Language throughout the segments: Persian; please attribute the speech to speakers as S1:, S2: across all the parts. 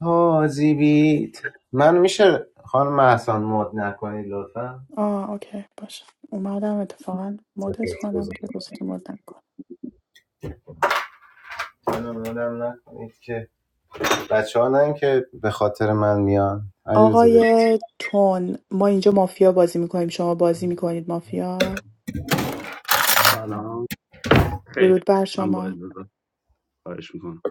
S1: حاجی بیت من میشه خانم محسان مد نکنید لطفا
S2: آه اوکی باشه اومدم اتفاقا مدت کنم که گوشت مد نکن
S1: منو مودم نکنید که بچه ها نه که به خاطر من میان علیرضا بیا.
S2: آقای تون ما اینجا مافیا بازی میکنیم شما بازی میکنید مافیا
S3: سلام خیر
S2: درود بر
S3: من با
S2: شما
S3: اجازه خواهش میکنم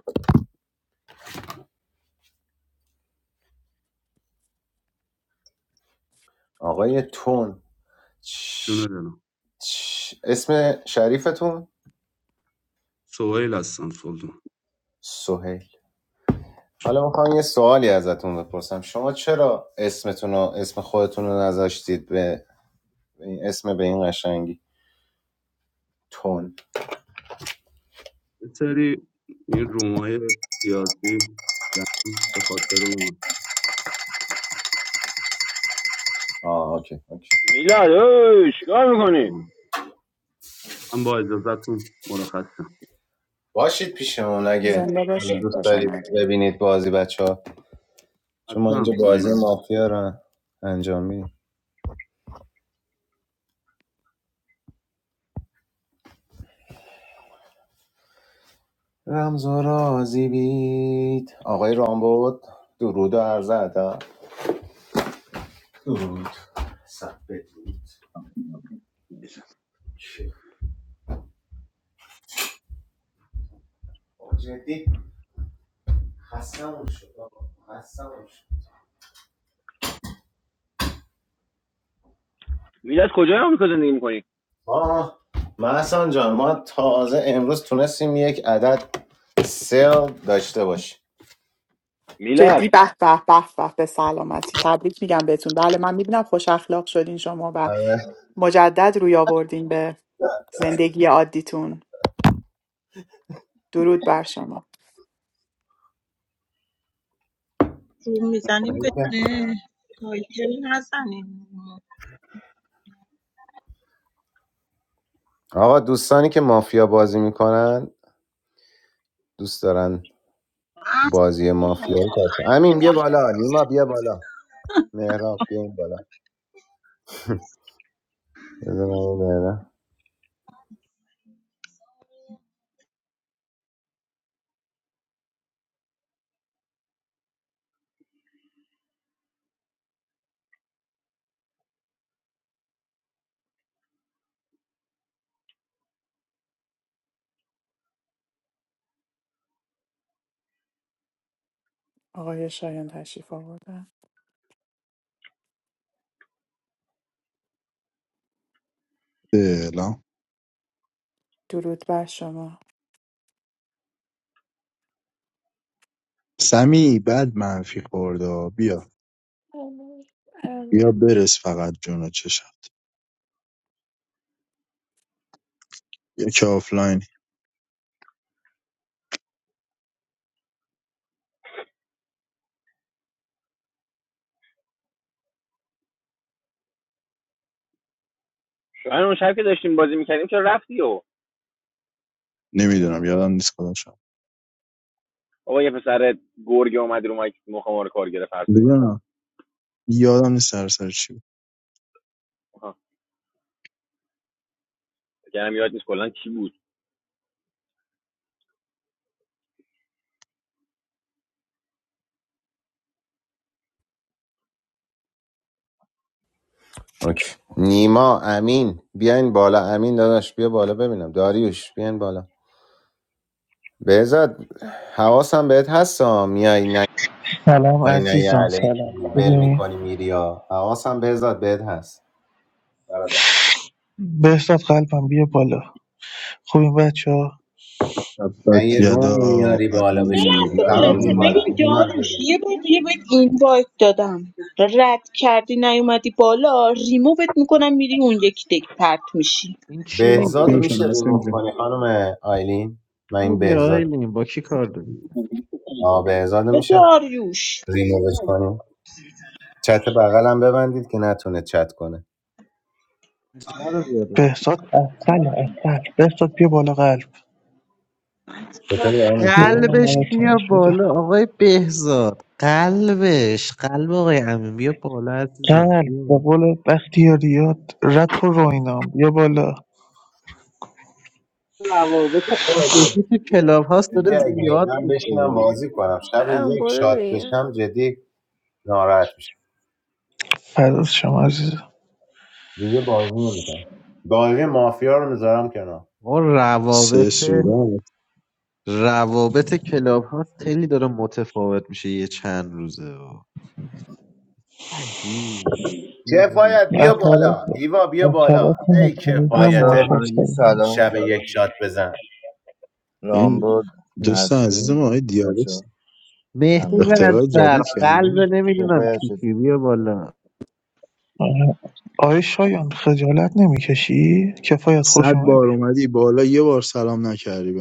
S1: آقای تون چ-
S3: جون دارم
S1: چ- اسم شریفتون
S3: سوهیل هستم سلطان
S1: سهیل حالا میخوام یه سوالی ازتون بپرسم شما چرا اسمتون رو اسم خودتون رو نذاشتید به به این اسم به این قشنگی تون
S3: یه سری این رومای سیاسی رفتم به خاطر اون
S1: آه اوکی اوکی
S4: میلاد اوه چیکار میکنی
S3: من با اجازهتون مرخصم
S1: باشید پیشمون اگه
S2: زنده
S1: حالا
S2: باشین
S1: دوست
S2: خوش
S1: دارید
S2: آمد
S1: ببینید بازی بچه‌ها چون ما اینجا
S3: حتما
S1: بازی
S3: پایینم
S1: مافیا رو انجام میدیم رمز و رازی بید آقای رامبود درود و عرض ادب درود سب بدرود
S5: Yeah.
S1: چه؟ جدی خستمون شد آقا. خستمون شد
S4: میلاد کجای آمریکا زندگی میکنی
S1: آه محسن جان ما تازه امروز تونستیم یک عدد سل داشته باشیم
S4: میلاد
S2: جدی به به به به به سلامتی تبریک میگم بهتون بله من میبینم خوش اخلاق شدین شما و
S1: آره.
S2: مجدد روی آوردین به زندگی عادیتون درود بر شما
S6: روم میزنیم بدون تایتل نزنیم
S1: آقا دوستانی که مافیا بازی میکنن دوست دارن بازی مافیا باشه امین بیا بالا نیما بیا بالا مهراب بیا این بالا بذار من این بالا.
S2: آقای شایان تشریف آوردن
S7: فعلا
S2: درود بر شما
S7: سمی بد منفی خورده بیا
S8: I don't. I don't.
S7: بیا برس فقط جون و چشم یکی آفلاین
S4: شاید اون شب که داشتیم بازی میکردیم چرا رفتی و
S7: نمیدونم یادم نیست کدومشم
S4: بابا یه پسر گرگه اومد رو مایک مخمار ما رو کار گرفت حرف
S7: نه یادم نیست سر سر چی بود.
S4: آها، فکر یاد نیست کلا کی بود
S1: اوکی نیما امین بیاین بالا امین داداش بیا بالا ببینم داریوش بیاین بالا بهزاد حواسم بهت هستا میای
S9: سلام
S1: نکنی نه یه
S9: عزیزان
S1: علیکی
S9: سلام
S1: ول
S9: خوبین
S1: میکنی میری یا حواسم بهزاد بهت هست برادر
S9: بهزاد قلبم بیا بالا خوبین بچه ها
S1: این
S7: تبت
S1: یه
S7: یدا
S1: رومی میاری بالا
S6: یه
S1: بشین
S7: علی
S6: لحظه
S7: لهب
S1: تمام
S6: میلته
S1: بیا بالا
S6: ببین
S7: وطن
S1: ایمان بیا
S6: جاروش
S1: بالا.
S6: یه بار دیگه بهت این وایت دادم رد کردی نیومدی بالا ریمووت میکنم میری اون یک دک پرت میشی
S10: این چی
S1: بهزاد
S7: باختیم
S1: رو
S10: میگه
S7: که
S1: میشه
S7: نسیم
S1: ریموف
S7: جون
S1: کنی خانم آیلین من
S10: چی
S1: این
S10: میگه آقای
S1: بهزاد
S10: نیم با کی کار داری
S1: آ بهزاد رو
S6: به
S1: میشه
S6: داریوش
S1: ریمووش کنیم چت بغلم ببندید که نتونه چت کنه
S10: جرا بیاره
S9: بهزاد اصل اصل بهزاد بیا بالا قلب
S1: چطوری همین
S9: بیا
S1: خوبی؟
S9: دلم
S10: قلبش
S9: براتون
S10: بیا
S9: شده
S10: بالا آقای بهزاد قلبش قلب آقای امین بیا بالا عزیزم
S9: قلب به
S10: بیا.
S9: قول بختیاریات رک و روینام بیا بالا
S10: روابط عاطفی
S1: اگه-
S10: تو کلاب هاست
S1: جدی
S10: داره
S1: اگه
S10: زیاد
S1: من
S10: میشه
S1: بشینم بازی کنم شب
S8: I don't
S1: یک
S8: bother
S1: شات
S8: there.
S1: بشم جدی ناراحت میشم
S9: فراز شما عزیزم
S1: دیگه بازی نمیکنم دایره مافیا رو میذارم کنار
S10: ما روابط
S7: سه صورت
S10: روابط کلاب هاست خیلی داره متفاوت میشه یه چند روزه عجیب نمی‌دونم.
S1: کفایت بیا
S9: اثرات
S1: بالا هیوا بیا
S9: اثرات
S1: بالا ای
S9: مکانیزم
S11: بچه
S1: کفایت
S9: ماش
S11: ها
S9: است
S11: همگی سلام
S1: شب یک
S11: سلام
S1: شات بزن
S7: این
S11: رامبد
S7: دوست عزیز ما
S11: نسرین
S7: آقای
S11: بچه ها
S7: دیابست
S10: مهدی
S11: همگی
S7: اختراع
S10: رنجبر
S7: جدید
S10: قلب
S7: کردیم
S10: نمیدونم
S11: سپاس
S10: کی کی
S11: چطوری؟
S10: بیا بالا
S9: آره. آقای شایان خجالت نمیکشی کفایت
S7: صد
S9: خوش اومدی
S7: بار اومدی بالا یه بار سلام نکردی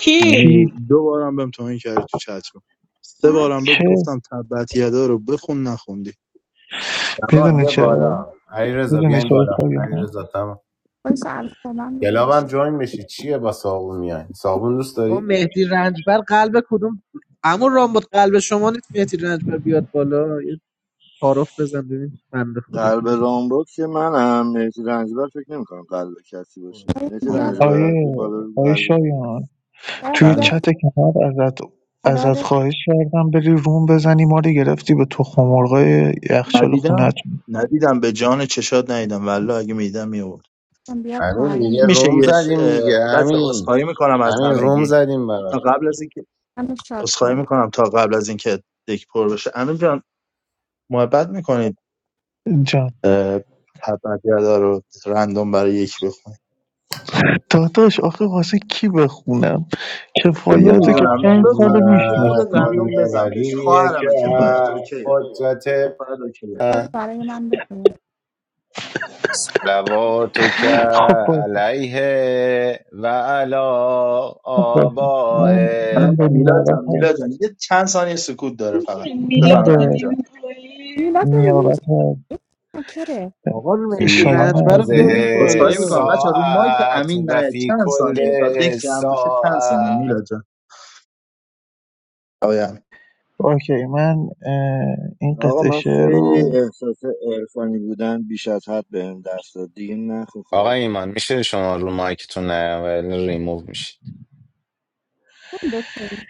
S6: کی
S7: یعنی
S9: کی
S7: دو بارم بهم توهین کردی تو چت رو سه
S12: نه
S7: بارم بهت
S9: که
S7: گفتم تبت یدا رو بخون نخوندی
S1: تمام
S9: میدونی
S1: بیا
S9: چرا
S1: بالا علی رضا
S9: میدونی
S1: بیاین
S9: چرا
S1: بالا
S9: شایان
S1: علی رضا تمام
S12: بایستا الفلام رو بودیش؟
S1: گلابم جوین بشی چیه با صابون میای صابون دوست
S10: آقا
S1: داری
S10: مهدی رنجبر قلب کدوم عمو رام بود قلب شما نیست مهدی رنجبر بیاد بالا یه تعارف بزن ببین بنده خدا
S11: قلب
S10: دلش
S11: رامبد که منم مهدی رنجبر فکر نمیکنم قلب کسی
S10: می‌خواد.
S11: باشه
S12: بیا
S11: مهدی رنجبر بی
S9: آیه
S11: بالا رو
S9: آیه
S11: قلب کی
S9: شایان
S12: بیا
S9: توی
S7: بله
S12: بیا
S9: چت کنار ازت ازت
S12: قراره
S9: خواهش کردم بری روم بزنی ما رو گرفتی به تخم مرغای یخچال خونت
S7: ندیدم ندیدم به جان چشات ندیدم والله اگه میدیدم میورد
S12: کنم بیا
S1: همین دیگه
S12: پایین
S7: میشه
S1: روم
S7: یه
S12: کد
S7: ش...
S1: زدیم
S7: اه،
S1: دیگه
S7: بچه
S1: همین
S7: عذرخواهی میکنم از
S1: همین روم
S7: همگی
S1: زدیم برات
S7: تا قبل از اینکه
S12: منو شاد
S7: عذرخواهی
S12: کنه
S7: میکنم تا قبل از اینکه دک پر بشه امین جان محبت میکنید
S9: جان
S7: تبت یدا رو رندوم برای یک بخون
S9: داداش آخه واسه کی بخونم کفایت رو که
S7: نمیدونم
S9: پنج
S1: اللهم
S9: ساله
S7: بخون دیگه
S9: میشنه
S7: خودت
S1: کل
S7: رندوم بزن بهش
S1: ولی که
S7: خواهرمه کفایت اوکیه
S1: قدرت
S7: کفایت اوکیه
S12: کد برای من بفرست
S1: صلواتک
S12: نمیدونم
S9: خب باشه
S1: علیه و علی
S9: خب باشه من من
S7: الان
S1: آبائه
S9: به
S7: میلاد جان
S9: نیابت از
S7: میلاد جان یه چند ثانیه سکوت داره فقط
S6: میشه
S9: من
S6: میلاد رو
S7: بفرمایید همین
S9: به
S7: جان
S6: بدیم
S12: میلاد
S6: پایین
S12: رو
S9: نیابت
S12: نیست
S9: از
S12: این مکره
S10: آقا مهدی
S1: فی
S9: شایان
S10: رنجبر رو
S1: هذه
S9: عزیز
S10: بیارید
S7: عذرخواهی
S10: بالا
S7: میکنم بچه رو مایک
S1: الساعت
S7: امین
S1: و
S7: نه
S1: فی
S7: چند
S1: کل
S7: ثانیه تا دک جمع میشه چند ثانیه
S1: ساعت
S7: میلاد جان آقای امین
S9: اوکی من اه، این
S11: آقا
S9: قطعه
S11: من
S9: شعر
S11: خیلی
S9: رو
S11: احساس عرفانی بودن بیش از حد بهم دست داد دیگه نخو
S1: آقا
S11: خواهش
S1: ایمان
S11: میکنم
S1: میشه شما رو مایکتون نیاین، ولی ریموو میشه
S12: این دکتر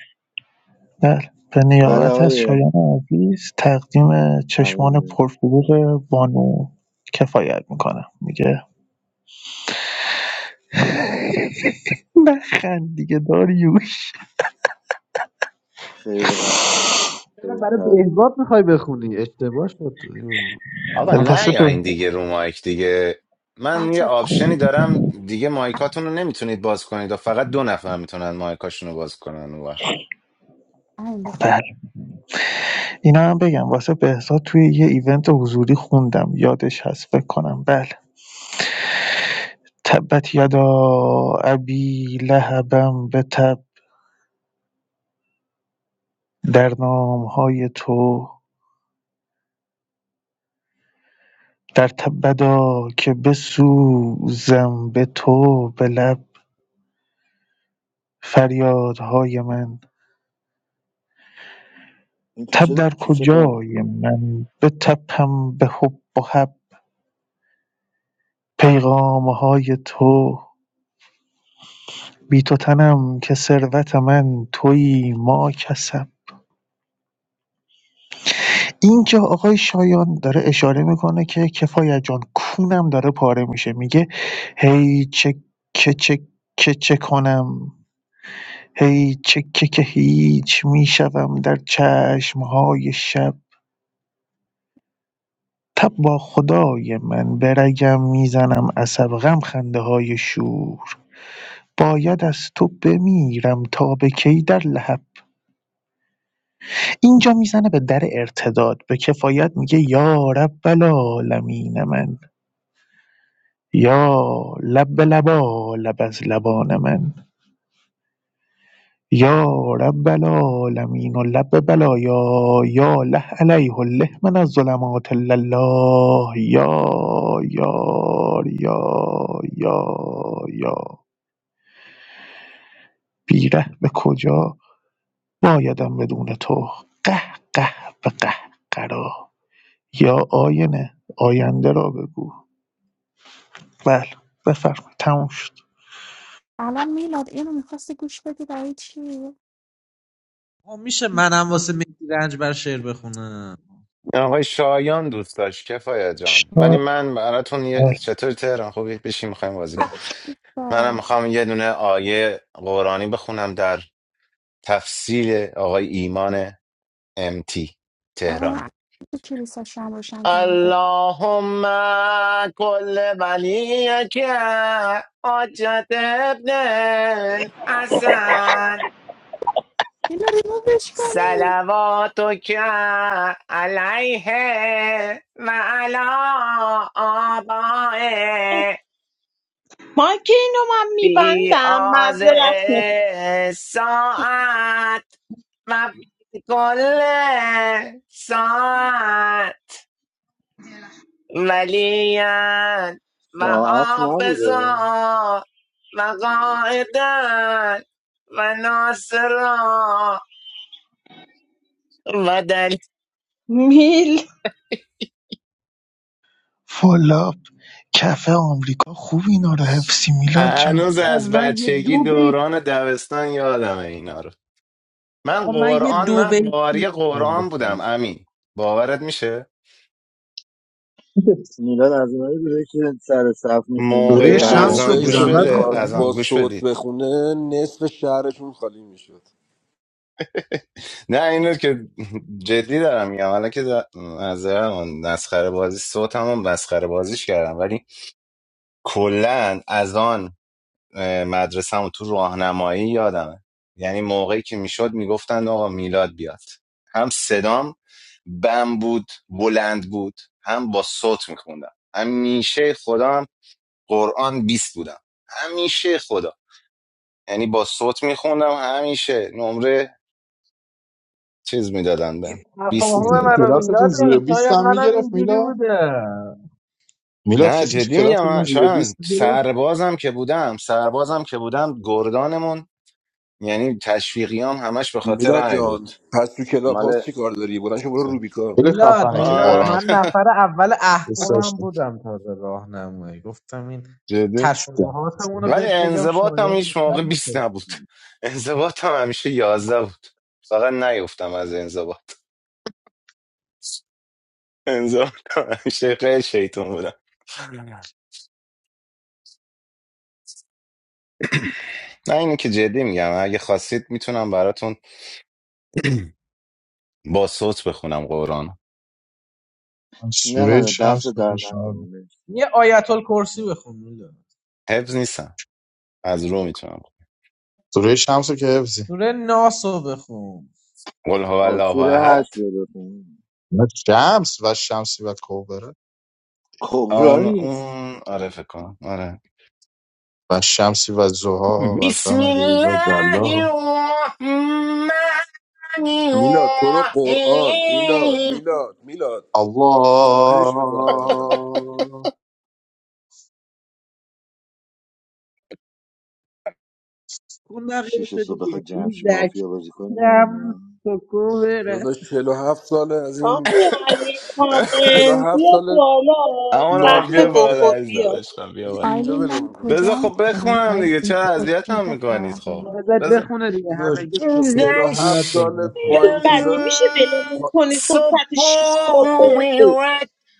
S9: بله به
S11: بله
S9: نیابت از
S11: آقای
S9: شایان عزیز تقدیم چشمان
S11: امین
S9: پرفروغ بانو کفایت میکنم میگه نخند دیگه داریوش
S11: خیلی قشنگ
S10: چرا
S11: خیلی
S10: برای
S11: تاثیر
S10: بهزاد میخوای بخونی اشتباه شد تو این.
S1: آقا نه
S9: واسه
S1: یا
S9: به
S1: این دیگه رو مایک دیگه من یه
S12: بچه
S1: آپشنی دارم دیگه مایکاتون رو نمیتونید باز کنید و فقط دو نفر میتونن مایکاشون رو باز کنن اون وقت
S12: ها این بخون
S9: بله اینا هم بگم واسه بهزاد توی یه ایونت حضوری خوندم یادش هست فکر کنم بله تبت یدا ابی لهبم به تب در نام های تو در تبدا که بسوزم به تو به لب فریادهای من
S11: این تو
S9: تب
S11: چه
S9: در
S11: تو چه
S9: کجای
S11: قافی
S9: من به بتپم به حب و حب پیغامه های تو بی تو تنم که ثروت من تویی ما کسم اینجا آقای شایان داره اشاره میکنه که کفایت جان کونم داره پاره میشه میگه هی چه که چه که چه کنم هی چه که که هیچ میشوم در چشمهای شب تب با خدای من برگم میزنم عصب غم خنده های شور باید از تو بمیرم تا به کی در لحب اینجا میزنه به در ارتداد به کفایت میگه یا رب العالمین من یا لب لبا لب از لبان من یا رب العالمین و لب بلایا یا له علیه له من از ظلمات الا الله یا یا یا یا یا بیره به کجا نایدم بدون تو قه قه به قهقرا یا آینه آینده را بگو بله بفرمایید تموم شد
S12: الان میلاد اینو میخواستی گوش بدی برای چی؟
S10: آقا میشه منم واسه مهدی رنجبر شعر بخونم
S1: آقای شایان دوست داشت کفایت جان ولی
S9: شاعر
S1: من براتون یه... چطور تهران خوبی بشین میخوایم بازی کنیم منم
S12: باش
S1: میخوام یه دونه آیه قرآنی بخونم در تفسیر آقای ایمان امتی
S12: آقا
S1: تهرانی
S12: من تو کلیسا شم روشن کردم گفت
S1: اللهم كل وليك حجة ابن الحسن
S12: اینو ریمووش کنی
S1: صلواتك عليه وعلى
S6: آه،
S1: آبائه
S6: ما که اینو من
S1: في
S6: میبندم
S1: آزه
S6: معذرت
S1: الساعات وفي كل ساعة ولیان و
S11: ساعت نبوده
S1: وحافظا و وناصرا و ناصرا و دل
S6: میخوام
S9: والا کف آمریکا خوب اینا رو حفظی میلاد جان
S1: هنوز
S10: آقا
S1: از
S10: من یه
S1: بچگی
S10: دو بیت
S1: دوران دبستان یادم اینا رو من
S10: آقا من یه
S1: قرآن
S10: دو
S1: من
S10: بیتی
S1: قاری
S10: میخوام
S1: قرآن بودم
S10: بخونم
S1: امین باورت میشه
S11: میلاد از اونایی بوده که سر صف میخونده
S7: دوره
S1: موقع
S11: بقیه هم
S7: شمس رو
S1: اذان
S7: بی
S13: موقعی
S11: تکرار
S1: گوش
S13: که
S7: زحمت
S1: بده
S11: میکردن
S13: میخواست
S7: میخونی
S13: با
S1: اذان گوش
S13: صوت
S1: بدید
S13: بخونه نصف شهرشون خالی میشد
S1: نه اینو که جدی دارم میگم حالا که دا- از نسخره بازی صوتمو مسخره بازیش کردم ولی کلا از آن مدرسه تو راهنمایی یادمه یعنی موقعی که میشد میگفتن آقا میلاد بیاد هم صدام بم بود بلند بود هم با صوت میخوندم همیشه خودم قرآن بیست بودم همیشه خدا یعنی با صوت میخوندم همیشه نمره چیز میدادن
S10: این
S1: بهم، بیست
S7: کسی
S10: تفاهم
S7: که
S1: میدادم
S10: منو
S1: بهم.
S7: کلاستون زیر
S10: میلاده
S7: 20
S10: شاید
S7: هم
S10: منم
S7: میگرفت
S10: اینجوری
S7: میلاد
S10: بوده
S7: میلاد
S1: نه
S7: کسی تو
S1: جدی میگم
S7: کلاستون
S1: من-
S7: زیر 20
S1: شاید
S7: میگرفت
S1: سربازم که بودم سربازم که بودم گردانمون یعنی تشویقی هم همش به خاطر
S13: میلاد
S1: همین بود
S13: جان پس تو کلاب هاست
S1: مال
S13: چی کار داری؟ بلند شو برو روبیکا
S7: بله
S10: میلاد
S7: خفنه که
S10: میلاد
S1: آه
S10: من
S7: قرآنت بود
S10: نفر اول
S7: دوست
S10: احزابم
S7: داشتم
S10: بودم تازه راهنمایی گفتم این
S1: جدی
S10: تشابهاتمون رو
S1: ولی
S10: بهت بگم
S1: انضباط هم
S10: شایان
S1: هیچ
S10: بیشتر
S1: موقع 20
S10: متوجه
S1: نبود انضباط هم همیشه یازده بود فقط نیفتم از انضباط انضباط همیشه خیلی شیطون بودم نه اینو که جدی میگم اگه خواستید میتونم براتون با صوت بخونم قرآن
S7: من
S11: نه نه
S7: سوره
S11: نه
S10: عزیزم
S11: دست
S7: شمس
S10: بشه.
S7: رو
S11: در
S7: پیشنهاد می‌کنم.
S11: نکنه
S10: یه آیت الکرسی بخون میلاد
S1: حفظ نیستم از رو میتونم
S7: سوره شمس رو که حفظی
S10: سوره ناس رو بخون
S1: قل هو الله
S11: آسور
S1: احد
S11: هشت رو بخون
S7: شمس و شمسی و کوبره
S11: کبرا
S1: اون
S11: نیست
S1: اون آره فکر کنم آره
S7: و و شمسی والشمس و
S1: بسم
S7: والقمر و جلاها
S1: الله الرحمن
S13: میلاد تو رو قرآن میلاد میلاد میلاد
S7: الله
S13: خواهش میکنم ازت
S10: اون
S11: شیش
S10: نقیه
S11: صبح بخواد
S10: دیگه
S11: جمشی
S10: ایزک
S11: مافیا بازی کنه
S10: دم
S11: همینه
S10: سکو برس
S13: داداش 47 ساله از این
S6: آقای علی کارن
S13: 47
S6: بیا
S13: ساله
S6: بالا
S1: اما را بیا
S6: قهوه
S13: نابودمون کرد
S1: بالا
S6: بخور
S1: عزیزم
S6: بیا
S1: عشقم بیا بالا
S13: اینجا
S12: آیلین من
S13: ولمون کنی
S1: بذار
S12: کجام
S1: خب
S12: بودم
S1: بخونم دیگه
S12: آیلین
S1: چرا
S12: خود
S1: اذیت هم میکنید
S12: خبر
S1: خب
S10: آه، بذار
S1: بذار
S10: بخونه دیگه
S13: داداش
S10: همگی سکوت
S1: گذشتم
S13: 47
S10: میلاد رو
S13: ساله با این
S10: بخون دیگه.
S6: بعده
S13: چیزا
S6: میشه ولمون
S13: حال
S6: کنی صبح ساعت شیش صبح
S13: نداری.
S6: به-
S1: سپومت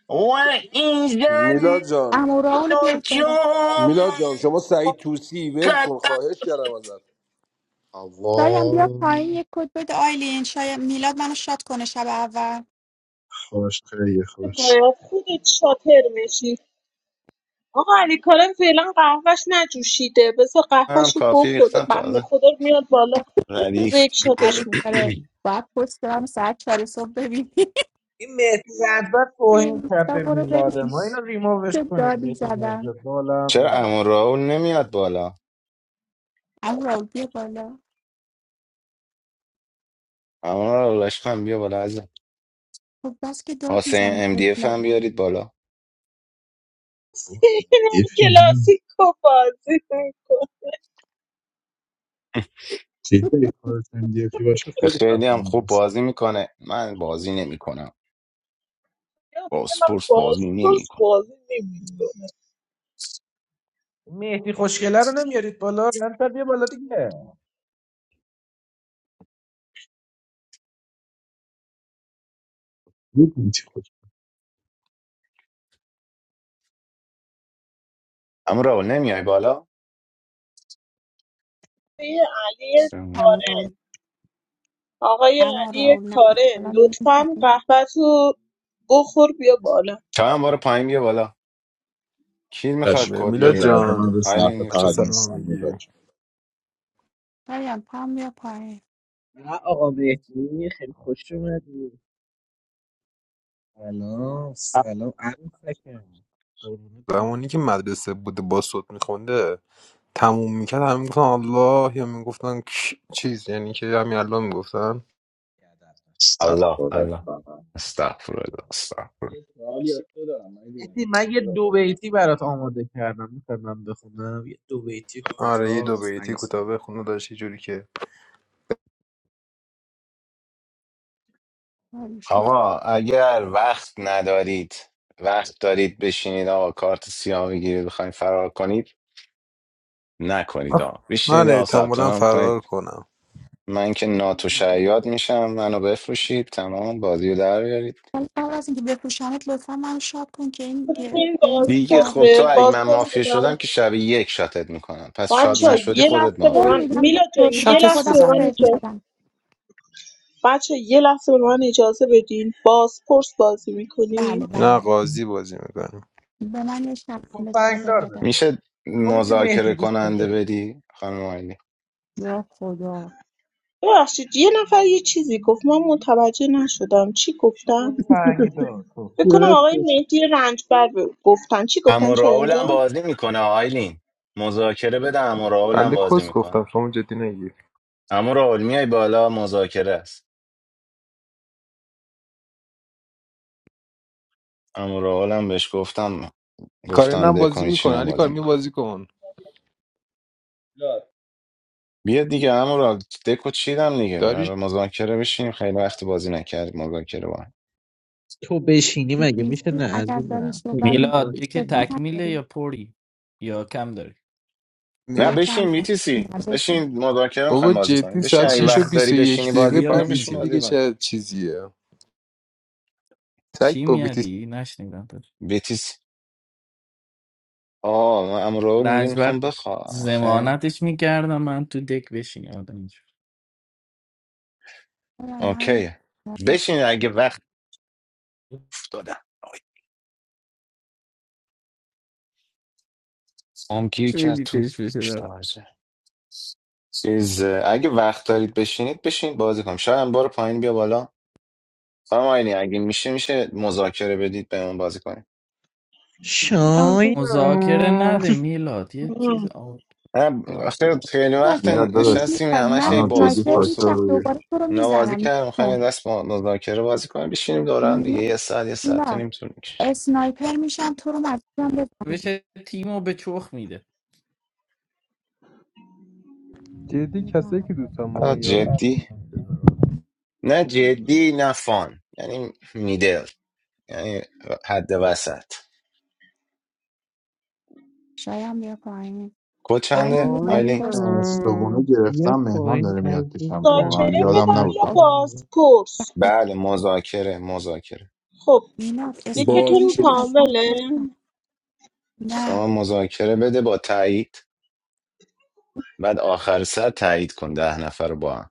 S1: و ایزن
S13: میلاد جان
S12: امورا رو بیارید بالا
S1: نجوم
S13: میلاد جان شما سعید توسی ول کن
S1: قطع
S13: خواهش کردم ازت
S12: شایم بیا
S7: الله
S12: پایین یک کد بده آیلین شاید میلاد منو شاد کنه شب اول
S7: خوش خیلی خوش
S6: باید خودت شاطر میشی آقا علی کارن فعلا قهوهش نجوشیده بذار
S1: هم
S6: قهوهش رو
S1: کافی
S6: بخوره
S1: ریختم
S6: بنده
S1: تازه
S6: خدا رو میاد بالا روز
S1: ردیف
S6: یک شاتش
S12: علی
S6: میکنه
S12: داره باید پست کنم ساعت چهار صبح ببینی
S10: این مهدی رنجبر توهین
S12: اینستا
S10: کرده
S12: برو
S10: میلاد
S12: ببین
S10: ما اینو ریمووش
S12: چه
S10: کنید
S12: دادی
S10: مهدی رنجبر
S12: زدم
S1: چرا
S10: بالم
S1: اما راول نمیاد بالا
S12: اما راول بیا بالا
S1: اما راول عشقم بیا بالا عزیزم
S12: خب بس که داد
S1: حسین
S12: میزنی
S1: ام دی اف هم
S12: طفلم
S1: بیارید بالا
S6: سینم
S7: دیفی نه
S6: کلاسیکو بازی میکنه
S7: چیزی کارتون دیفی باشه خیلی
S1: خیلی هم
S7: خفنه
S1: خوب
S7: واسه
S1: بازی میکنه من بازی نمیکنم با
S6: من
S1: سپورس بازی
S6: بازپرس
S1: نمیکنم
S6: بازی نمیکنه
S10: مهدی خوشگله رو نمیارید بالا رنسر بیا بالا دیگه
S7: می‌دونی چی خوش
S1: اما راول نمیای بالا
S6: علی
S1: سلام.
S12: اما
S6: کارن
S12: راول
S6: آقای
S12: اما
S6: علی
S12: راول نه
S6: کارن
S12: بالا میزن
S6: لطفا
S12: پایین
S6: قهوه‌تو بخور بیا بالا
S1: چند بار پایین بیا بالا کی میخواد
S7: چشم.
S1: کد
S7: یه
S14: میلاد
S1: بده
S7: لحظه من
S14: جان
S7: رو
S1: آیلین
S7: صرفه
S1: یه
S14: بچه
S7: فقط
S1: کد بده.
S14: سلام
S7: نیستم
S14: میگی
S7: میلاد جان
S12: شایم پام بیا پایین
S10: نه آقا مهدی خیلی خوش اومدی سلام سلام عروسکم قربونت برم
S14: زمانی که مدرسه بوده با صوت میخونده تموم میکرد همه میگفتن الله یا میگفتن کش- چیز یعنی که همین الله میگفتن
S10: ادب باش.
S1: الله
S7: استغفار
S1: الله
S7: الله
S1: استغفرالله استغفر
S10: مهدی من یه دو بیتی برات آماده کردم میخوای من بخونم یه دو بیتی
S14: آره یه دو
S10: کوتاه
S14: بیتی
S10: پنج
S14: کوتاه
S10: ثانیه
S14: بخونه داشت یه جوری که
S12: آرش تو.
S1: آقا اگر وقت ندارید وقت دارید بشینید آقا کارت سیاه بگیرید بخواید فرار کنید نکنید آقا بشینید
S14: من
S1: آقا ثبت
S14: احتمالا
S1: نام
S14: فرار
S1: کنید
S14: کنم
S1: من که ناتو شیاد میشم منو بفروشید تمام بازی رو در بیارید.
S12: ولی قبل از اینکه بپوشمت لطفا من شاد کن که این
S6: خودتون
S12: دین
S1: دیگه
S12: در
S1: خب تو
S6: بازپرسه
S1: اگه من
S6: بازپرس
S1: مافیا شدم
S6: بودم
S1: که شب یک شاتت میکنم پس
S12: آی
S1: شاد
S6: بچه ها.
S12: شاد کن
S1: نشدی
S6: یه
S1: خودت
S6: لحظه به
S12: قول
S6: من
S1: مافیایی
S12: میدم
S6: میلا
S12: دکتر
S6: جان یه
S12: بودم
S2: شات
S6: لحظه
S12: خودم رو
S6: به من
S2: سوزنی
S12: فکر
S6: اجازه
S12: ندم
S6: بچه یه لحظه به من اجازه بدین بازپرس بازی میکنیم
S12: بله
S14: نه
S12: بله
S14: قاضی بازی میکنیم
S12: به من یه شبنم ساده
S10: تفنگدار
S12: بده
S10: بده
S1: میشه
S10: اونی که
S1: مذاکره
S10: مهدی دوست داره
S1: کننده
S10: بده
S1: بدی خانم آیلین
S12: یا خدا
S6: ببخشید یه نفر یه چیزی گفت من متوجه نشدم چی گفتن
S10: تفنگدار
S6: فکر کنم
S10: تفنگدار
S6: آقای
S7: گرفتش
S6: مهدی رنجبر ب- گفتن چی
S1: عمو
S6: گفتن شایان
S1: راول هم
S6: جان
S1: بازی میکنه آیلین مذاکره بده عمو راول هم
S14: بنده
S1: بازی
S14: کس گفتم
S1: میکنه
S14: شما جدی نگیر
S1: عمو راول میای بالا مذاکره است عمو راول هم بهش گفتم
S14: کارین
S1: گفتم
S14: هم
S1: دکو
S14: بازی میکنه
S1: میچینم
S14: علی کار
S1: بازی
S14: می
S1: میکنم
S14: بازی کن
S1: بیا دیگه عمو راول دکو چیدم دیگه برای
S14: داریش
S1: مذاکره بشینیم خیلی وقت بازی نکردیم مذاکره با هم.
S10: تو بشینی
S12: تو
S10: مگه میشه
S12: کریستی
S10: نه
S12: اگر داری
S10: عزیزم تو
S12: صحبت میکنی
S15: میلاد
S10: بخوای
S15: یه که
S12: صدا
S10: تو-
S15: تکمیله یا
S12: نداری
S15: پری یا کم داری
S1: نه
S12: نه
S14: نه؟
S12: کم
S1: بشین
S12: کن
S1: میتیسی
S12: نزدیکی.
S1: بشین مذاکره
S14: بابا
S1: میخوایم بازی کنیم
S14: جدی
S1: بشین
S14: ساعت
S1: اگه
S15: آخه
S14: 6 و
S1: وقت
S15: ز-
S1: داری
S14: 21
S1: بشینی بازی
S14: دقیقه
S1: کنیم
S15: زیاد
S14: BTC
S1: بشین
S15: میگه
S1: بازی
S14: دیگه
S1: کنیم
S14: چه چیزیه سگ
S15: چی
S14: با
S15: میادی نشنیدم داری
S1: بیتیس آه من امرو میگه میخوام
S15: لجبر
S1: بخوام آخه
S15: زمانتش میکردم من تو دک بشین آدم اینجور
S12: خدا من رو
S1: اوکی
S12: بزن.
S1: بشین اگه وقت افتادم هم گیر
S15: چی
S1: کرد
S15: می‌گی
S1: تو
S15: پیش بشه دارم
S1: شارژه چیز اگه وقت دارید بشینید بشین بازی کنیم شاید هم بار پایین بیا بالا خانم آینی اگه میشه میشه مذاکره بدید بهمون بازی کنیم
S6: آره
S15: مذاکره
S10: شاید
S15: نده میلاد یه چیز آقا
S1: نه
S15: باید
S1: آخه
S15: بدم
S1: خیلی
S12: تو از
S1: وقت
S12: بالا
S7: میلاد
S12: می‌بینی
S7: داداش
S1: نشستیم
S12: می‌خواد.
S1: همش
S12: من
S1: هی
S7: منو جدی
S12: اسنایپر
S1: باسپورس و
S7: فاکتور
S12: میشم
S7: روی
S12: دوباره تو رو
S1: اونا بازی
S12: میزنم
S1: کردن میخوایم
S12: کن
S1: یه دست با مذاکره بازی کنیم بشینیم دور هم دیگه
S12: نه
S1: یه ساعت یه ساعت تا
S12: نه.
S1: نیم طول می‌کشه.
S12: اسنایپر میشم تو رو مجبورم بزنم
S15: بشه تیمو به چخ میده
S14: جدی کسایی
S12: می‌زنم.
S14: که دوستم ما
S1: آه،
S14: یارو
S1: جدی نه
S10: مروت
S1: جدی نه فان یعنی میدل یعنی حد وسط
S12: شایم بیا پایین
S1: کد
S12: پایین
S1: چنده
S12: یه
S1: آیلین
S12: بازپرس بزنیم.
S10: شایان
S7: استوگونه
S10: بیا
S7: گرفتم مهمان
S10: پایین
S7: داره میاد پیشم
S10: عزیزم
S7: واقعا
S6: مذاکره
S10: بیا
S7: یادم
S6: بدم
S7: نبود
S6: یا
S7: بخواد
S10: قشنگم
S6: بازپرس
S12: اوکی
S1: بله مذاکره مذاکره
S6: خب
S12: مینا اسنایپر
S6: یکیتون
S12: میشم
S13: بازپرس
S12: مجبورم تو رو
S6: کامله
S12: بزنم. نه
S1: شما مذاکره بده با تایید بعد آخر سر تایید کن ده نفر رو با هم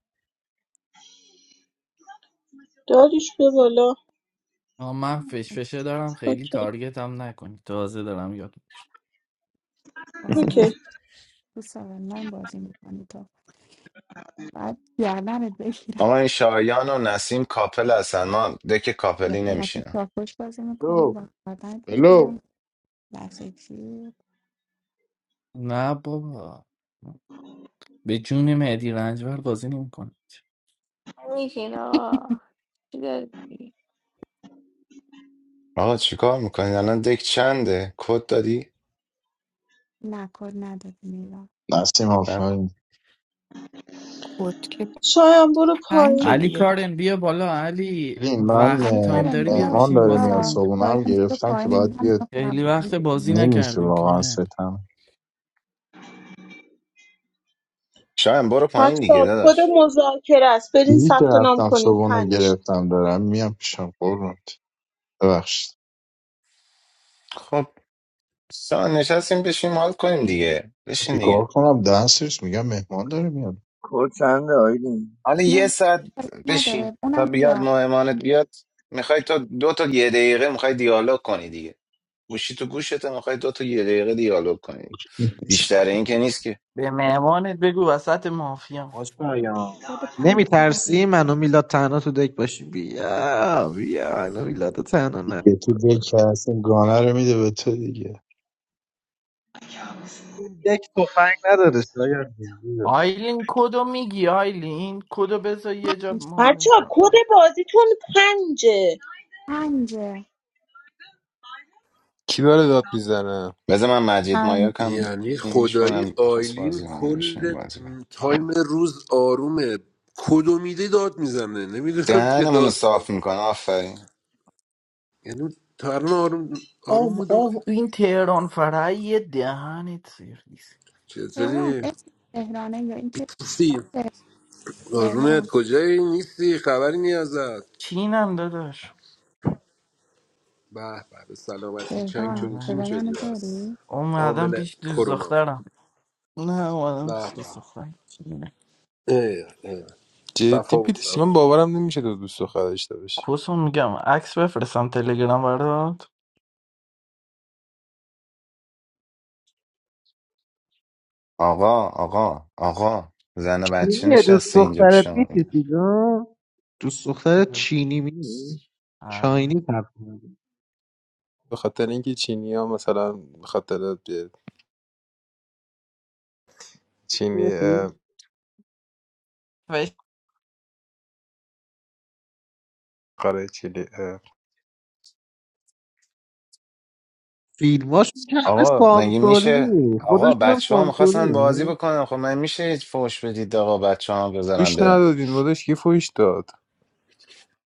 S6: داریش به بالا
S15: آه، من فشفشه دارم خیلی
S6: اوکی
S15: تارگتم نکنی تازه دارم یاد میگیرم
S6: اوکی
S12: آه. تو سالن بازی میکنی تو بعد گردنت بگیرم
S1: اما این شایان و نسیم کاپل هستن ما دک
S12: یا
S1: کاپلی
S12: به نفس
S1: نمیشینم
S12: چاپوش بازی میکنیم
S7: تو
S12: با گردنت
S7: بلو
S12: بگیرم لحظه چی
S15: نه بابا به جون مهدی رنجبر بازی نمیکنه
S8: I mean, you know, you get it.
S1: آقا چیکار میکنید الان دک چنده کد دادی
S12: نکد ندادی میرم
S7: نسیم
S1: نکن
S7: آفرین
S2: کد که
S6: شایم برو پایین
S15: علی
S2: پنج
S15: کارن بیا بالا علی
S7: ببین، من
S15: وقت
S12: علی
S7: اه،
S15: تایم
S12: کارم
S15: داری بیا
S12: بیا
S7: مهمان
S15: بشین
S7: داره
S15: بازی
S7: میاد
S12: بالا
S15: کنیم
S7: صبحونه هم
S12: سایم تو
S7: گرفتم که باید
S12: پایین هم
S7: بیاد
S12: تا
S15: خیلی وقت
S12: قبلی
S15: بازی
S7: نمیشه
S15: نکردیم
S7: واقعا
S15: کارن
S7: ستم
S1: شاید برو پایین
S6: بچه
S1: دیگه
S6: کد
S1: داداش
S6: مذاکره است برین
S7: دیدی که
S6: ثبت نام
S7: رفتم
S6: کنیم
S7: صبحونه
S6: پنج
S7: گرفتم دارم میام پیشم قربونت ببخشید
S1: خب سان نشستیم بشیم حال کنیم دیگه بشین
S7: چیکار
S1: دیگه
S7: کنم دستش میگم مهمان داره میاد
S11: کد چنده آیدین
S1: حالا یه
S12: نه،
S1: ساعت بشین
S12: نداره
S1: تا
S12: اونم
S1: بیاد
S12: بیا
S1: مهمانت بیاد میخوای تو دو تا یه دقیقه میخوای دیالوگ کنی دیگه گوشی تو گوشت میخوای دو تا یه دقیقه دیالوگ کنی بیشتر این که نیست که
S15: به مهمانت بگو وسط مافیا
S10: آقا شایان
S12: خود
S10: نمی
S12: پنج بزنیم
S10: ترسی منو میلاد تنها تو دک باشی بیا بیا منو میلاد تنها نه
S7: دیگه تو دل که هست، این گانه رو میده به تو دیگه
S10: این دک تفنگ نداره شایان جون، بیا.
S15: آیلین کدو میگی آیلین کدو بذار یه جا
S12: پنج
S15: ما
S6: بچه کد
S15: بنثبتم
S6: بازیتون پنجه
S12: پنجه.
S14: کی داره داد میزنه
S1: بذار من مجید
S2: time
S1: مایاک هم
S13: یعنی
S1: پینگش
S13: خدایی
S1: کنم میخواست
S13: آیلین
S1: بازی کنه بشین
S13: کل
S1: بازی کنه
S13: تایم روز آرومه کدو میده داد میزنه نمیدونم چه
S1: دهنمون رو
S13: داستانی
S1: صاف میکنه آفرین
S13: یعنی تا الان آروم آروم
S15: اوه
S13: بوده
S15: اوه این تهران فرای دهنت سرویس
S12: تهران
S13: چطوری
S12: اسم تهرانه یا اینکه
S13: بیتوسی
S12: تهران
S13: آرومت کجایی نیستی خبری نی ازت
S15: چینم داداش
S13: به به به سلامتی چنگ
S12: تهران
S13: چون چینگ
S15: آره
S12: صدا
S13: شدی
S12: منو داری؟
S13: بس
S15: اومدم
S13: عامل
S15: پیش دوست
S13: کرونا
S15: دخترم نه اومدم
S13: به
S15: پیش دوست
S13: به
S15: دخترم چینه.
S13: ای ای
S14: جدی
S13: صفا
S14: بیدیسی
S13: باشم
S14: من باورم نمیشه دو دوست دختر داشته باشی
S15: کسو میگم عکس بفرستم تلگرام برات
S1: آقا آقا آقا زن و بچه
S10: چینیه دوست
S1: نشسته اینجا
S10: دخترت
S1: پیشمون
S10: میتیسی جون دوست دخترت چینی می چاینی
S15: آره
S10: تقریبا
S14: به خاطر اینکه چینی ها مثلا به خاطر
S10: چی
S14: چینی اه،
S10: بسی؟
S14: قاره چیلی اه،
S10: فیلماش که همه
S1: آقا مگه میشه
S10: سانسوریه
S1: آقا
S10: خودشون هم
S1: بچه ها میخواستن بازی
S10: سانسوریه
S1: بکنن خب من میشه هیچ فوش بدید آقا بچه ها بذارن
S14: فوش
S1: برن
S14: ندادیم داداش کی فوش داد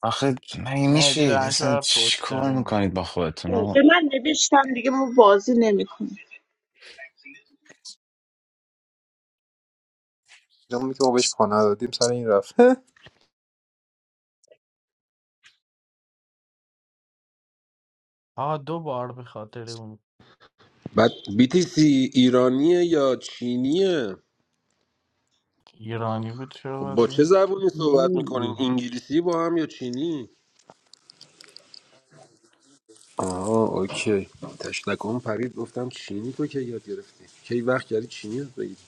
S1: آخه مگه میشه
S15: مهدی رنج
S1: اصلا
S15: بر
S1: چی
S15: پشت
S1: کار
S15: داره بود
S1: میکنید با خودتون
S6: او، به
S1: آقا
S6: من نوشتم دیگه ما بازی نمیکنیم
S14: جمعی که ما بهش پا ندادیم سر این رفت
S15: آه دو بار به خاطر اون
S13: بعد بیتیسی ایرانیه یا چینیه
S15: ایرانی بود چرا
S13: خب
S15: باید
S13: با چه
S15: بیام
S13: زبونی صحبت میکنین انگلیسی با هم یا چینی آها اوکی تشنکم پرید گفتم چینی تو که یاد گرفتی کی وقت کردی چینی یاد بگیری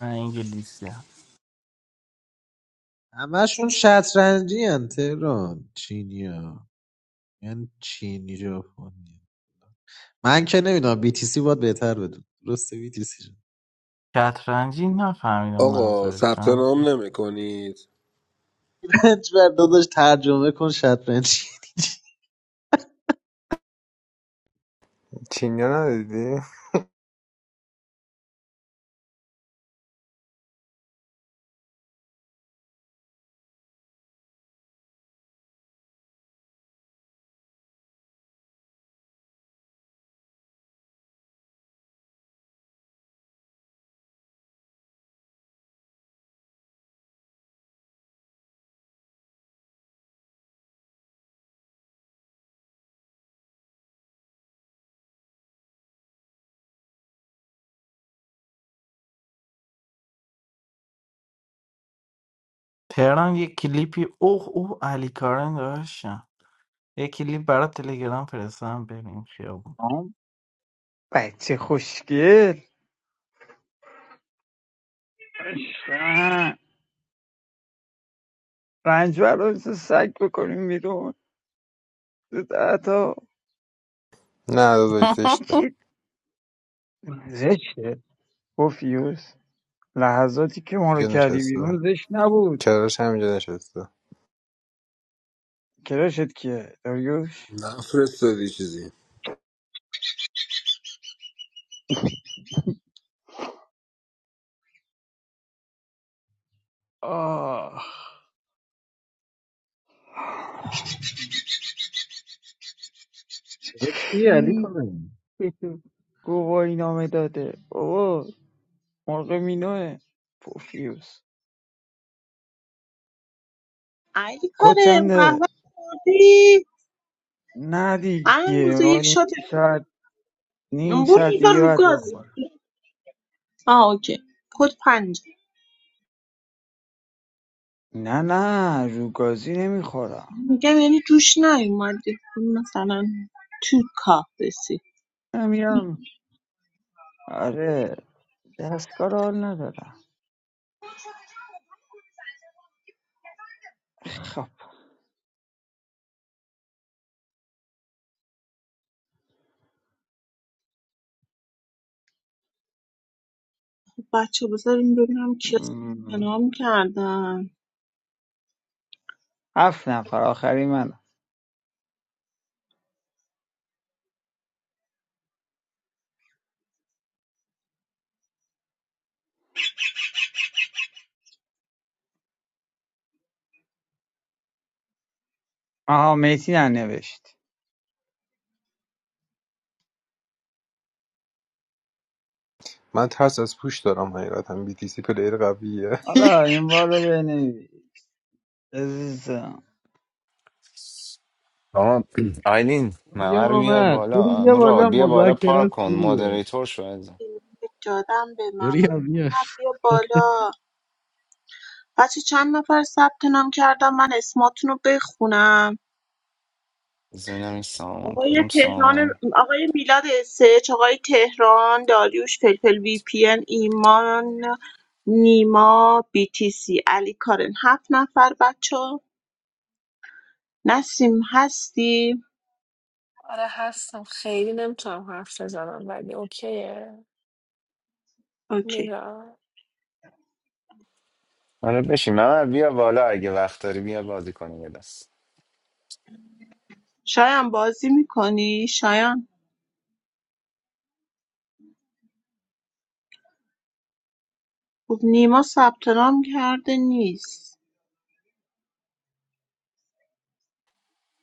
S15: من انگلیسی هست
S10: همشون شطرنجی هن تهران چینی ها یعنی چینی ژاپنی من که نمیدونم بی تی سی باید بهتر بدون درسته بی تی سی
S15: شطرنجی نفهمیدم
S13: آقا
S15: منظوره
S13: ثبت
S15: چون
S13: نام نمیکنید
S10: پنج بر داداش ترجمه کن شطرنجی
S14: چینی ها ندادی
S15: تهران یه کلیپی اوه اوه علی کارن داشتم یه کلیپ برات تلگرام فرستم ببین خیابون
S16: آم، بچه خوشگل عشقم. رنجبر رو مثل سگ بکنیم بیرون تو ده تا
S14: نه داداش زشته
S16: چی زشته پوفیوس لحظاتی که ما رو
S14: اینجا
S16: کردی
S14: نشسته
S16: بیرون زشت نبود
S14: کرارش همینجا نشسته
S16: کراشت کیه داریوش
S13: نفرستادی چیزی
S16: آه
S10: داداش چی علی
S16: کی
S10: کنم
S16: به تو گواهی نامه داده بابا مرغ مینوه پوفیوس
S6: علی
S16: کد
S6: کاره
S16: چنده
S6: قهوه خوردی؟
S16: نه
S6: الان
S16: دیگه
S6: روز
S16: ما
S6: یک
S16: نیم
S6: شات
S16: ساعت نیم
S6: برو
S16: ساعت
S6: بذار
S16: دیگه
S6: رو
S16: باید
S6: گاز
S16: بخور
S6: آه اوکی کد پنج
S16: نه نه رو گازی نمیخورم
S6: میگم یعنی جوش نیومده مثلا تو کافسی
S16: من میرم آره دستگاه رو حال ندارم خب
S6: بچه بذاریم ببینم کیا
S16: م،
S6: نام کردن
S16: هفت نفر آخری من آها میتی ننوشت
S14: من ترس از پوش دارم حقیقتا بی تی سی پلیر قویه
S16: حالا این بار رو بنویس عزیزم
S1: آقا آیلین
S10: پوریا
S1: ممر رو بیار
S10: اومد پوری
S1: بالا
S10: بیا
S1: مراد
S10: بالا
S1: بیا بالا
S10: مذاکره
S1: پارک
S10: است
S1: کن
S10: پوریه
S1: مودریتور شو از
S6: جادم به من
S10: بوریا بیا
S6: ممر بیا بالا بچه چند نفر ثبت نام کردم من اسماتون رو بخونم
S1: ببینم این سامان
S6: آقای
S1: کدوم
S6: تهران
S1: سامان
S6: آقای میلاد اسچ آقای تهران داریوش فلفل وی پی ان ایمان نیما بی تی سی علی کارن هفت نفر بچه نسیم هستی
S8: But I have some friends that I'm talking with, and I'm like, okay, you
S6: اوکی
S8: know.
S1: آره بشین ممر بیا بالا اگه وقت داری بیا بازی کنیم یه دست
S6: شایان بازی میکنی شایان خب نیما ثبت نام کرده نیست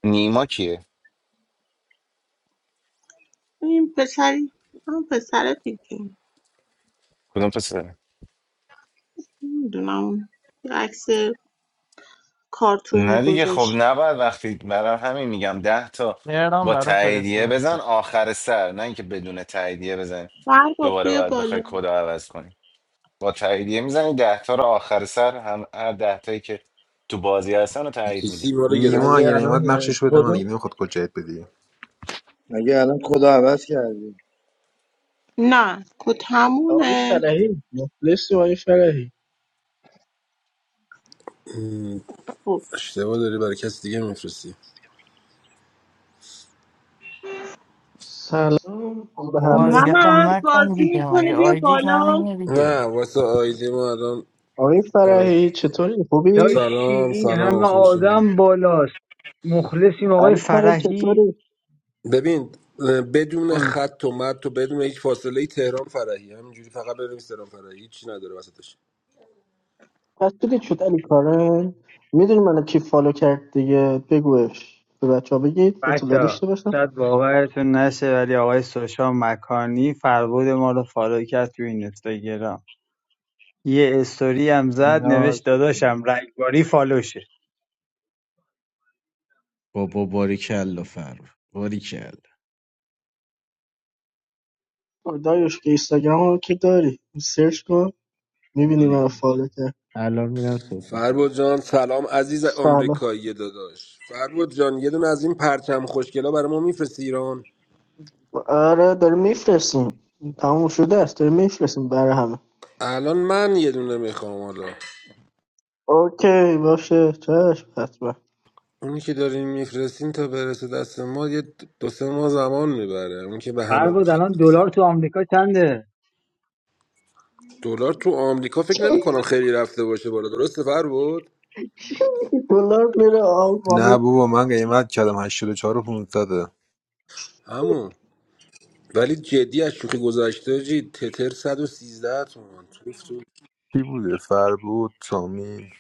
S1: نیما کیه
S6: این پسری همون پسره دیگه
S1: کدوم پسر
S6: نمیدونم اون یه عکس کارتونی
S1: نه دیگه خب
S6: گذاشته
S1: نباید وقتی برای همین میگم ده تا
S15: تهران
S1: با
S15: برات
S1: تاییدیه
S15: فرستم
S1: بزن آخر سر نه اینکه بدون تاییدیه بزنی
S6: مرد
S1: دوباره
S6: بیا
S1: باید بخوای
S6: بالا
S1: کد رو عوض کنی با تاییدیه میزنی ده تا رو آخر سر هم هر ده تایی که تو بازی هستن رو تایید میدی
S13: ایسی ما رو
S14: نیما
S11: مگه
S14: اگه
S13: گرفتی
S14: نیومد
S11: الان
S14: نقشش بده من
S11: کدو
S14: دیگه نمیخواد کجایت
S11: مگه الان کدو عوض کردی
S6: نه کت
S17: آقای
S6: همونه
S17: فرحی مخلصی آقای فرحی
S13: م،
S6: خب
S13: اشتباه داری برای کسی دیگه میفرستی
S17: سلام به
S15: او
S17: همه
S15: اذیتم
S6: ممر
S15: نکن
S6: بازی
S15: دیگه
S6: میکنه
S15: مگه
S6: بیا
S15: آیدیت
S6: بالا
S15: همینه دیگه
S13: نه واسه آیدی ما الان
S17: آقای
S13: آی-
S17: فرحی چطوری خوبی
S16: داشتی
S13: سلام
S16: این
S13: سلام
S16: همه
S13: خوب شما
S16: آدم بالاست مخلصیم آقای
S17: علی کارن
S16: فرحی
S17: چطوری
S13: ببین بدون خط و مد و بدون هیچ فاصله ای تهران فرحی همینجوری فقط بنویس تهران فرحی هیچی نداره وسطش
S17: پس دیدی شد علی کارن میدونی من کی فالو کرد دیگه بگوش به بچه ها بگید اطلاع
S16: بچه
S17: داشته باشم
S16: شاید باورتون نشه ولی آقای سوشا مکانی فربود ما رو فالو کرد تو این اینستاگرام یه استوری هم زد
S10: ناز.
S16: نوشت داداشم رگباری فالوشه
S10: بابا باریکلا فرو باریکلا
S17: آه، دایوش که اینستاگرام رو که داری سرچ کن میبینی من فالو کرد
S10: الان میرم
S13: فربود جان سلام عزیز
S17: سلام
S13: آمریکایی داداش فربود جان یه دونه از این پرچم خوشگلا برای ما میفرستی ایران
S17: آره داری میفرستیم تموم شده است داری میفرستیم برای همه
S13: الان من یه دونه میخوام حالا
S17: اوکی باشه چشم حتما
S13: اونی که دارین میفرستین تا برسه دست ما یه دو سه ماه زمان میبره اون که به
S16: هر
S13: همه
S16: بود
S13: میخواد
S16: الان
S13: برسه
S16: دلار تو آمریکا چنده
S13: دلار تو آمریکا فکر نمیکنم خیلی رفته باشه بالا درسته فربود
S17: دلار میره آقا
S14: نه بابا من قیمت کردم 84 و 500
S13: همون ولی جدی از شوخی گذاشته جی تتر 113 تومن
S14: کی بوده فر بود سامی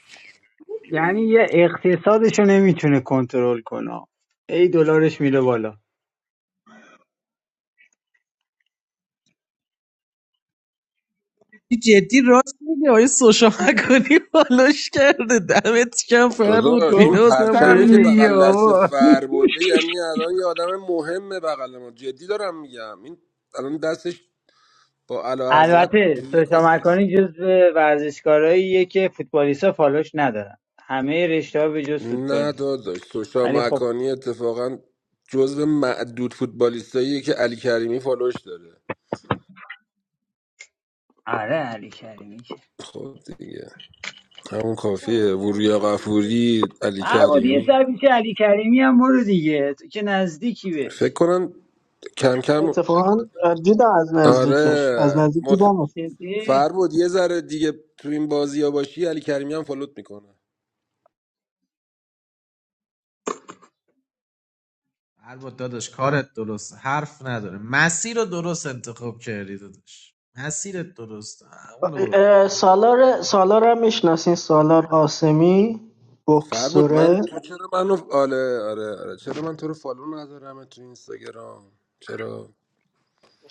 S16: یعنی یه اقتصادشو نمیتونه کنترل کنه ای دلارش میره بالا
S10: این جدی راست میگه آیه سوشا مکانی بالاش کرده دمت کم فرمود
S13: داداش این
S10: بینازم
S13: پرچمی
S16: گفتم
S13: که
S10: به
S16: دیگه
S13: بغل دست
S16: بابا.
S13: فر بوده یعنی الان یه آدم مهمه بغل ما جدی دارم میگم این الان دستش با اعلی حضرت
S16: البته
S13: توی
S16: سوشا
S13: کاسه است
S16: مکانی جز ورزشکاراییه که فوتبالیستا فالوش ندارن همه رشته ها به جز
S13: نه
S16: فوتبالیست
S13: داداش سوشا
S16: ولی خب
S13: مکانی اتفاقا جزو معدود فوتبالیستاییه که علی کریمی فالوش داره
S16: آره علی کریمی که
S13: خب دیگه همون کافیه وریا قفوری علی
S16: هر بود یه
S13: کریمی
S16: سر پیش علی کریمی هم برو دیگه تو که نزدیکی
S13: فکر
S16: بهش
S13: کنم کم کم
S17: اتفاقا دیدم از نزدیکش از نزدیک
S13: آره
S17: دیدم
S13: فربود یه ذره دیگه تو این بازی ها باشی علی کریمی هم فالوت میکنه
S10: فرمود داداش کارت درست حرف نداره مسیر رو درست انتخاب کردی داداش مسیرت درست اونو برو
S17: سالار سالار هم میشناسین سالار قاسمی
S13: فربود من
S17: بکسوره
S13: تو چرا منو آره آره آره چرا من تو رو فالو ندارم تو اینستاگرام چرا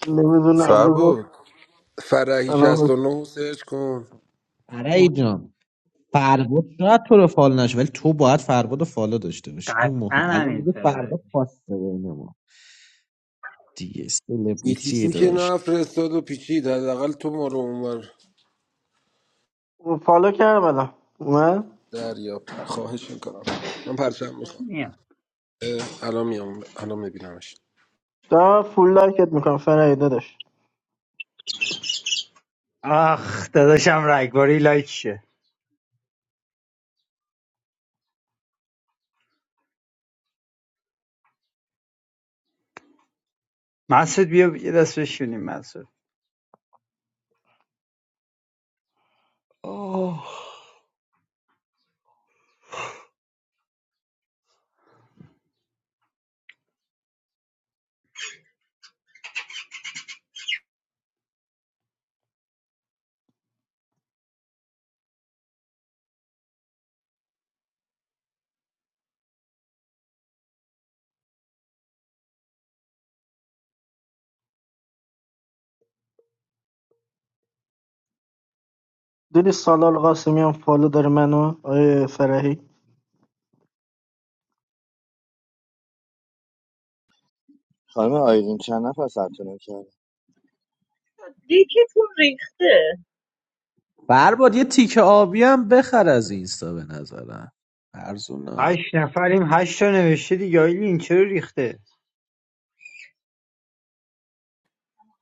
S17: نمیدونم
S14: فر
S17: بذار
S14: بود
S13: فرحی شصت
S17: الان
S13: و نه سرچ کن
S10: فرعی
S17: بس-
S10: جان فرباد شاید تو رو فالو نشه ولی تو باید فرباد رو فالو داشته باشی این
S16: قطعا
S10: مهم الان
S16: همین
S10: دیگه
S16: سره داری
S10: فرباد خواسته بین ما دیگه سلبریتی
S13: بیتیسی که
S10: داشت
S13: نفرستاد و پیچید حداقل تو ما رو اونور
S17: فالو کردم الان اومد
S13: دریاب خواهش میکنم من پرچم میخوام
S16: میاد
S13: الان میام الان میبینمش
S17: دارم فول لایکت میکنم فرهی داداش
S16: آخ داداشم رگباری لایک شه مسعود بیا یه دست بشونیم مسعود آه.
S17: دیدی سالار قاسمی هم فالو داره منو آیه فرهی
S11: خانم آیدین چند نفر ثبت نام کردن؟
S6: دیکتون ریخته
S10: فرباد یه تیک آبی هم بخر از اینستا به نظرم ارزونا
S16: هشت نفریم هشت تا نوشته دیگه آیلین این چرا ریخته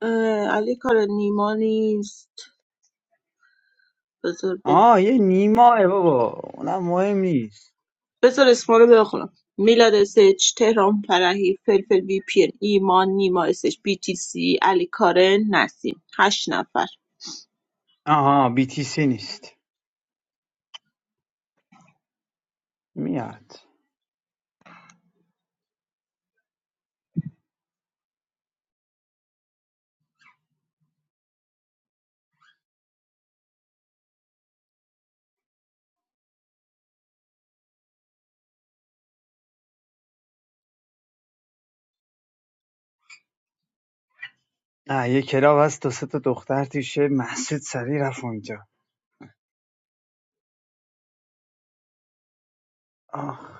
S6: اه، علی کار نیما نیست بذار
S16: آه یه نیماه بابا اونم مهم نیست
S6: بذار اسما رو بخونم میلاد اسچ تهران فرحی فلفل وی پیر ایمان نیما اسچ بی تی سی علی کارن نسیم هشت نفر
S16: آها بی تی سی نیست میاد نه یه کلاب هست دو سه تا دختر توشه مسعود سریع رفت اونجا آه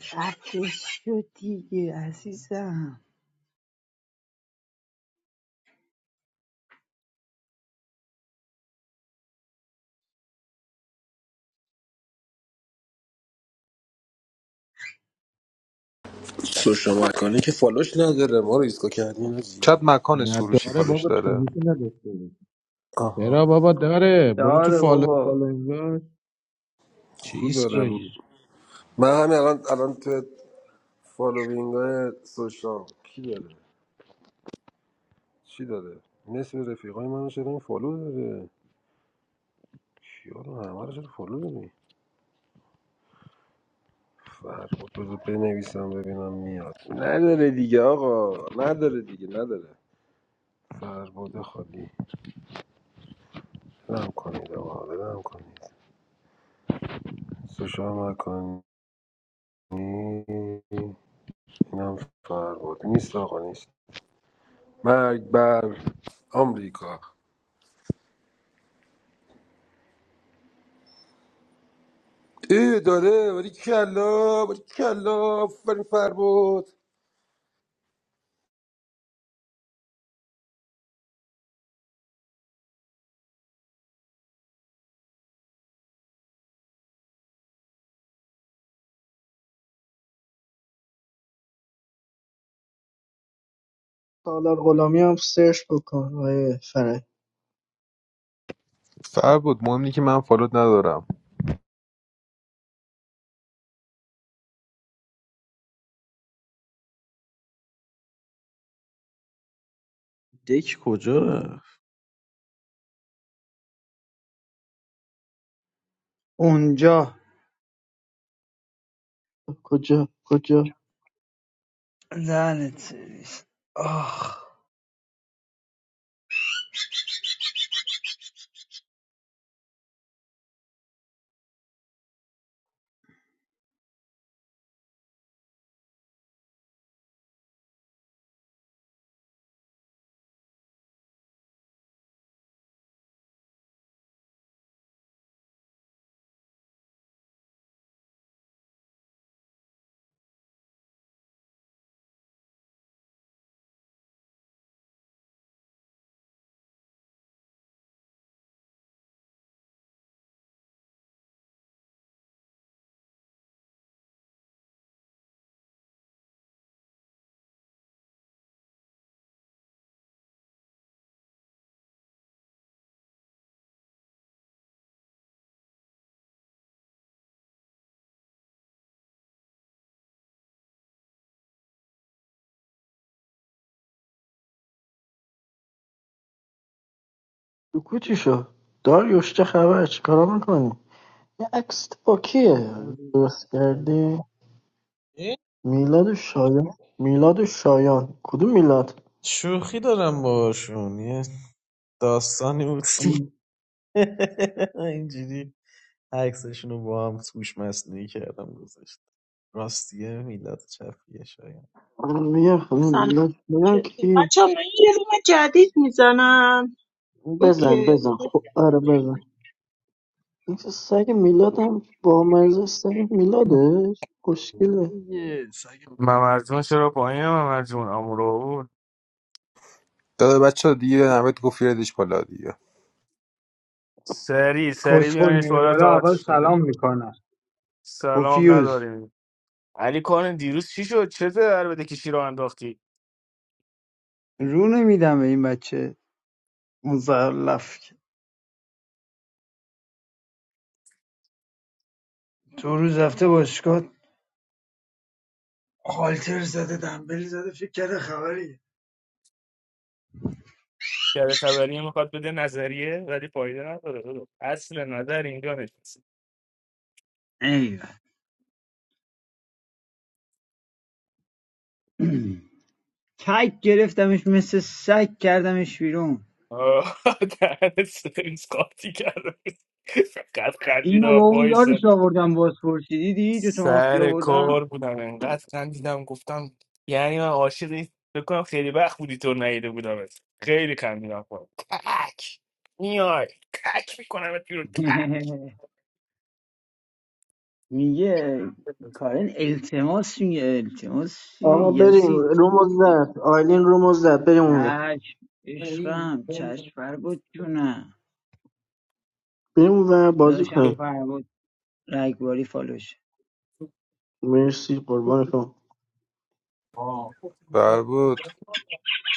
S16: خفه شو دیگه عزیزم
S13: تو شما کنی که فالوش نداره ما رو ایسکا کردیم
S14: چت
S13: آجی.
S14: مکان
S10: نه
S14: سروشی
S10: داره
S14: فالوش
S10: بابا
S14: داره
S10: چیزی نداشته چرا
S13: آها
S10: بابا داره برو تو
S16: داره
S10: فالو
S16: بابا
S10: فالو انگار چیز
S13: خوب داره
S10: ایسکایی
S13: من همین الان الان تو فالوینگ های سوشال کی داره چی داره نصف رفیقای منو چرا این فالو داره کیا رو همه رو چرا فالو داری فرق بذار بنویسم ببینم میاد نداره دیگه آقا نداره دیگه نداره فرباد خالی رم کنید آقا رم کنید سوشال مکانی اینم فرباد نیست آقا نیست مرگ بر آمریکا ای داره ولی کلا ولی کلا آفرین فرباد
S17: سالار غلامی هم سرچ بکن آیه فرهی
S14: فر بود مهم اینه که من فالوت ندارم
S10: دک کجا رفت
S16: اونجا
S17: کجا کجا
S16: دهنت سرویس آه
S17: تو کوچی شو داریوش چه خبر چیکارا میکنی یه عکس با کیه درست کردی
S10: این
S17: میلاد شایان میلاد شایان کدوم میلاد
S10: شوخی دارم باشون یه داستانی بود اینجوری عکسشون رو با هم توش مصنوعی کردم گذاشت راستیه میلاد چپیه شاید
S17: م- یه خونه
S6: سلام
S17: میلاد شایان
S6: چطور
S17: کی
S6: بچه من یه روم جدید میزنم
S17: بزن
S6: اوکی
S17: بزن خب آره بزن این که سگ میلاد هم با مزه سگ میلادش خوشگله
S10: دیگه سگ
S18: ممرجون چرا پایین ممرجون امرو
S14: داده بچه دیگه نمید گفت یادش بالا دیگه
S18: سری سری
S16: کسخل
S18: بیانش
S16: میره
S18: بالا تا
S16: بالا اول
S18: آتیش دونده
S16: سلام میکنن
S18: سلام
S16: پوفیوز
S18: نداریم علی کارن دیروز چی شد چه در بده کشی رو انداختی
S16: رو نمیدم به این بچه مزلف تو روز رفته باشگاه خالتر زده دنبل زده فکر کرده خبریه
S18: کرده تبریه میخواد بده نظریه ولی فایده نداره داداش. اصل نظر اینجا نشست
S16: ایول کک گرفتمش مثل سگ کردمش بیرون
S18: آه، دهن سرویس قاطی کرده فقط خندیدم
S16: اینو
S18: و
S16: با اون
S18: پای
S16: یادش آوردم باز پرسیدی دیدی دو تا مافیا
S18: سر
S16: آوردم
S18: کار بودم انقدر خندیدم گفتم یعنی من عاشقی، این- فکر کنم خیلی وقت بودی تو نیده بودم خیلی خندیدم خودم تک میای تک میکنم بیرون تک
S16: میگه کارن التماس میگه التماس چیه؟
S17: آقا بریم
S16: یزید
S17: رومو زد آیلین رومو زد بریم اون ور
S16: چشم عشقم چشم فرگوت جونم
S17: بریم اون ور بازی
S16: داداشم
S17: کنیم
S16: فرگوت رگباری فالوشه
S17: مرسی قربان شما
S14: فر بود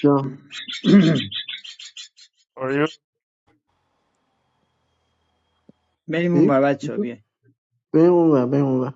S17: جان
S18: آه.
S16: بریم اون
S17: چی؟
S16: بر
S17: چی
S16: بچه
S17: شد؟
S16: ها.
S17: بریم اون ور بریم اون ور.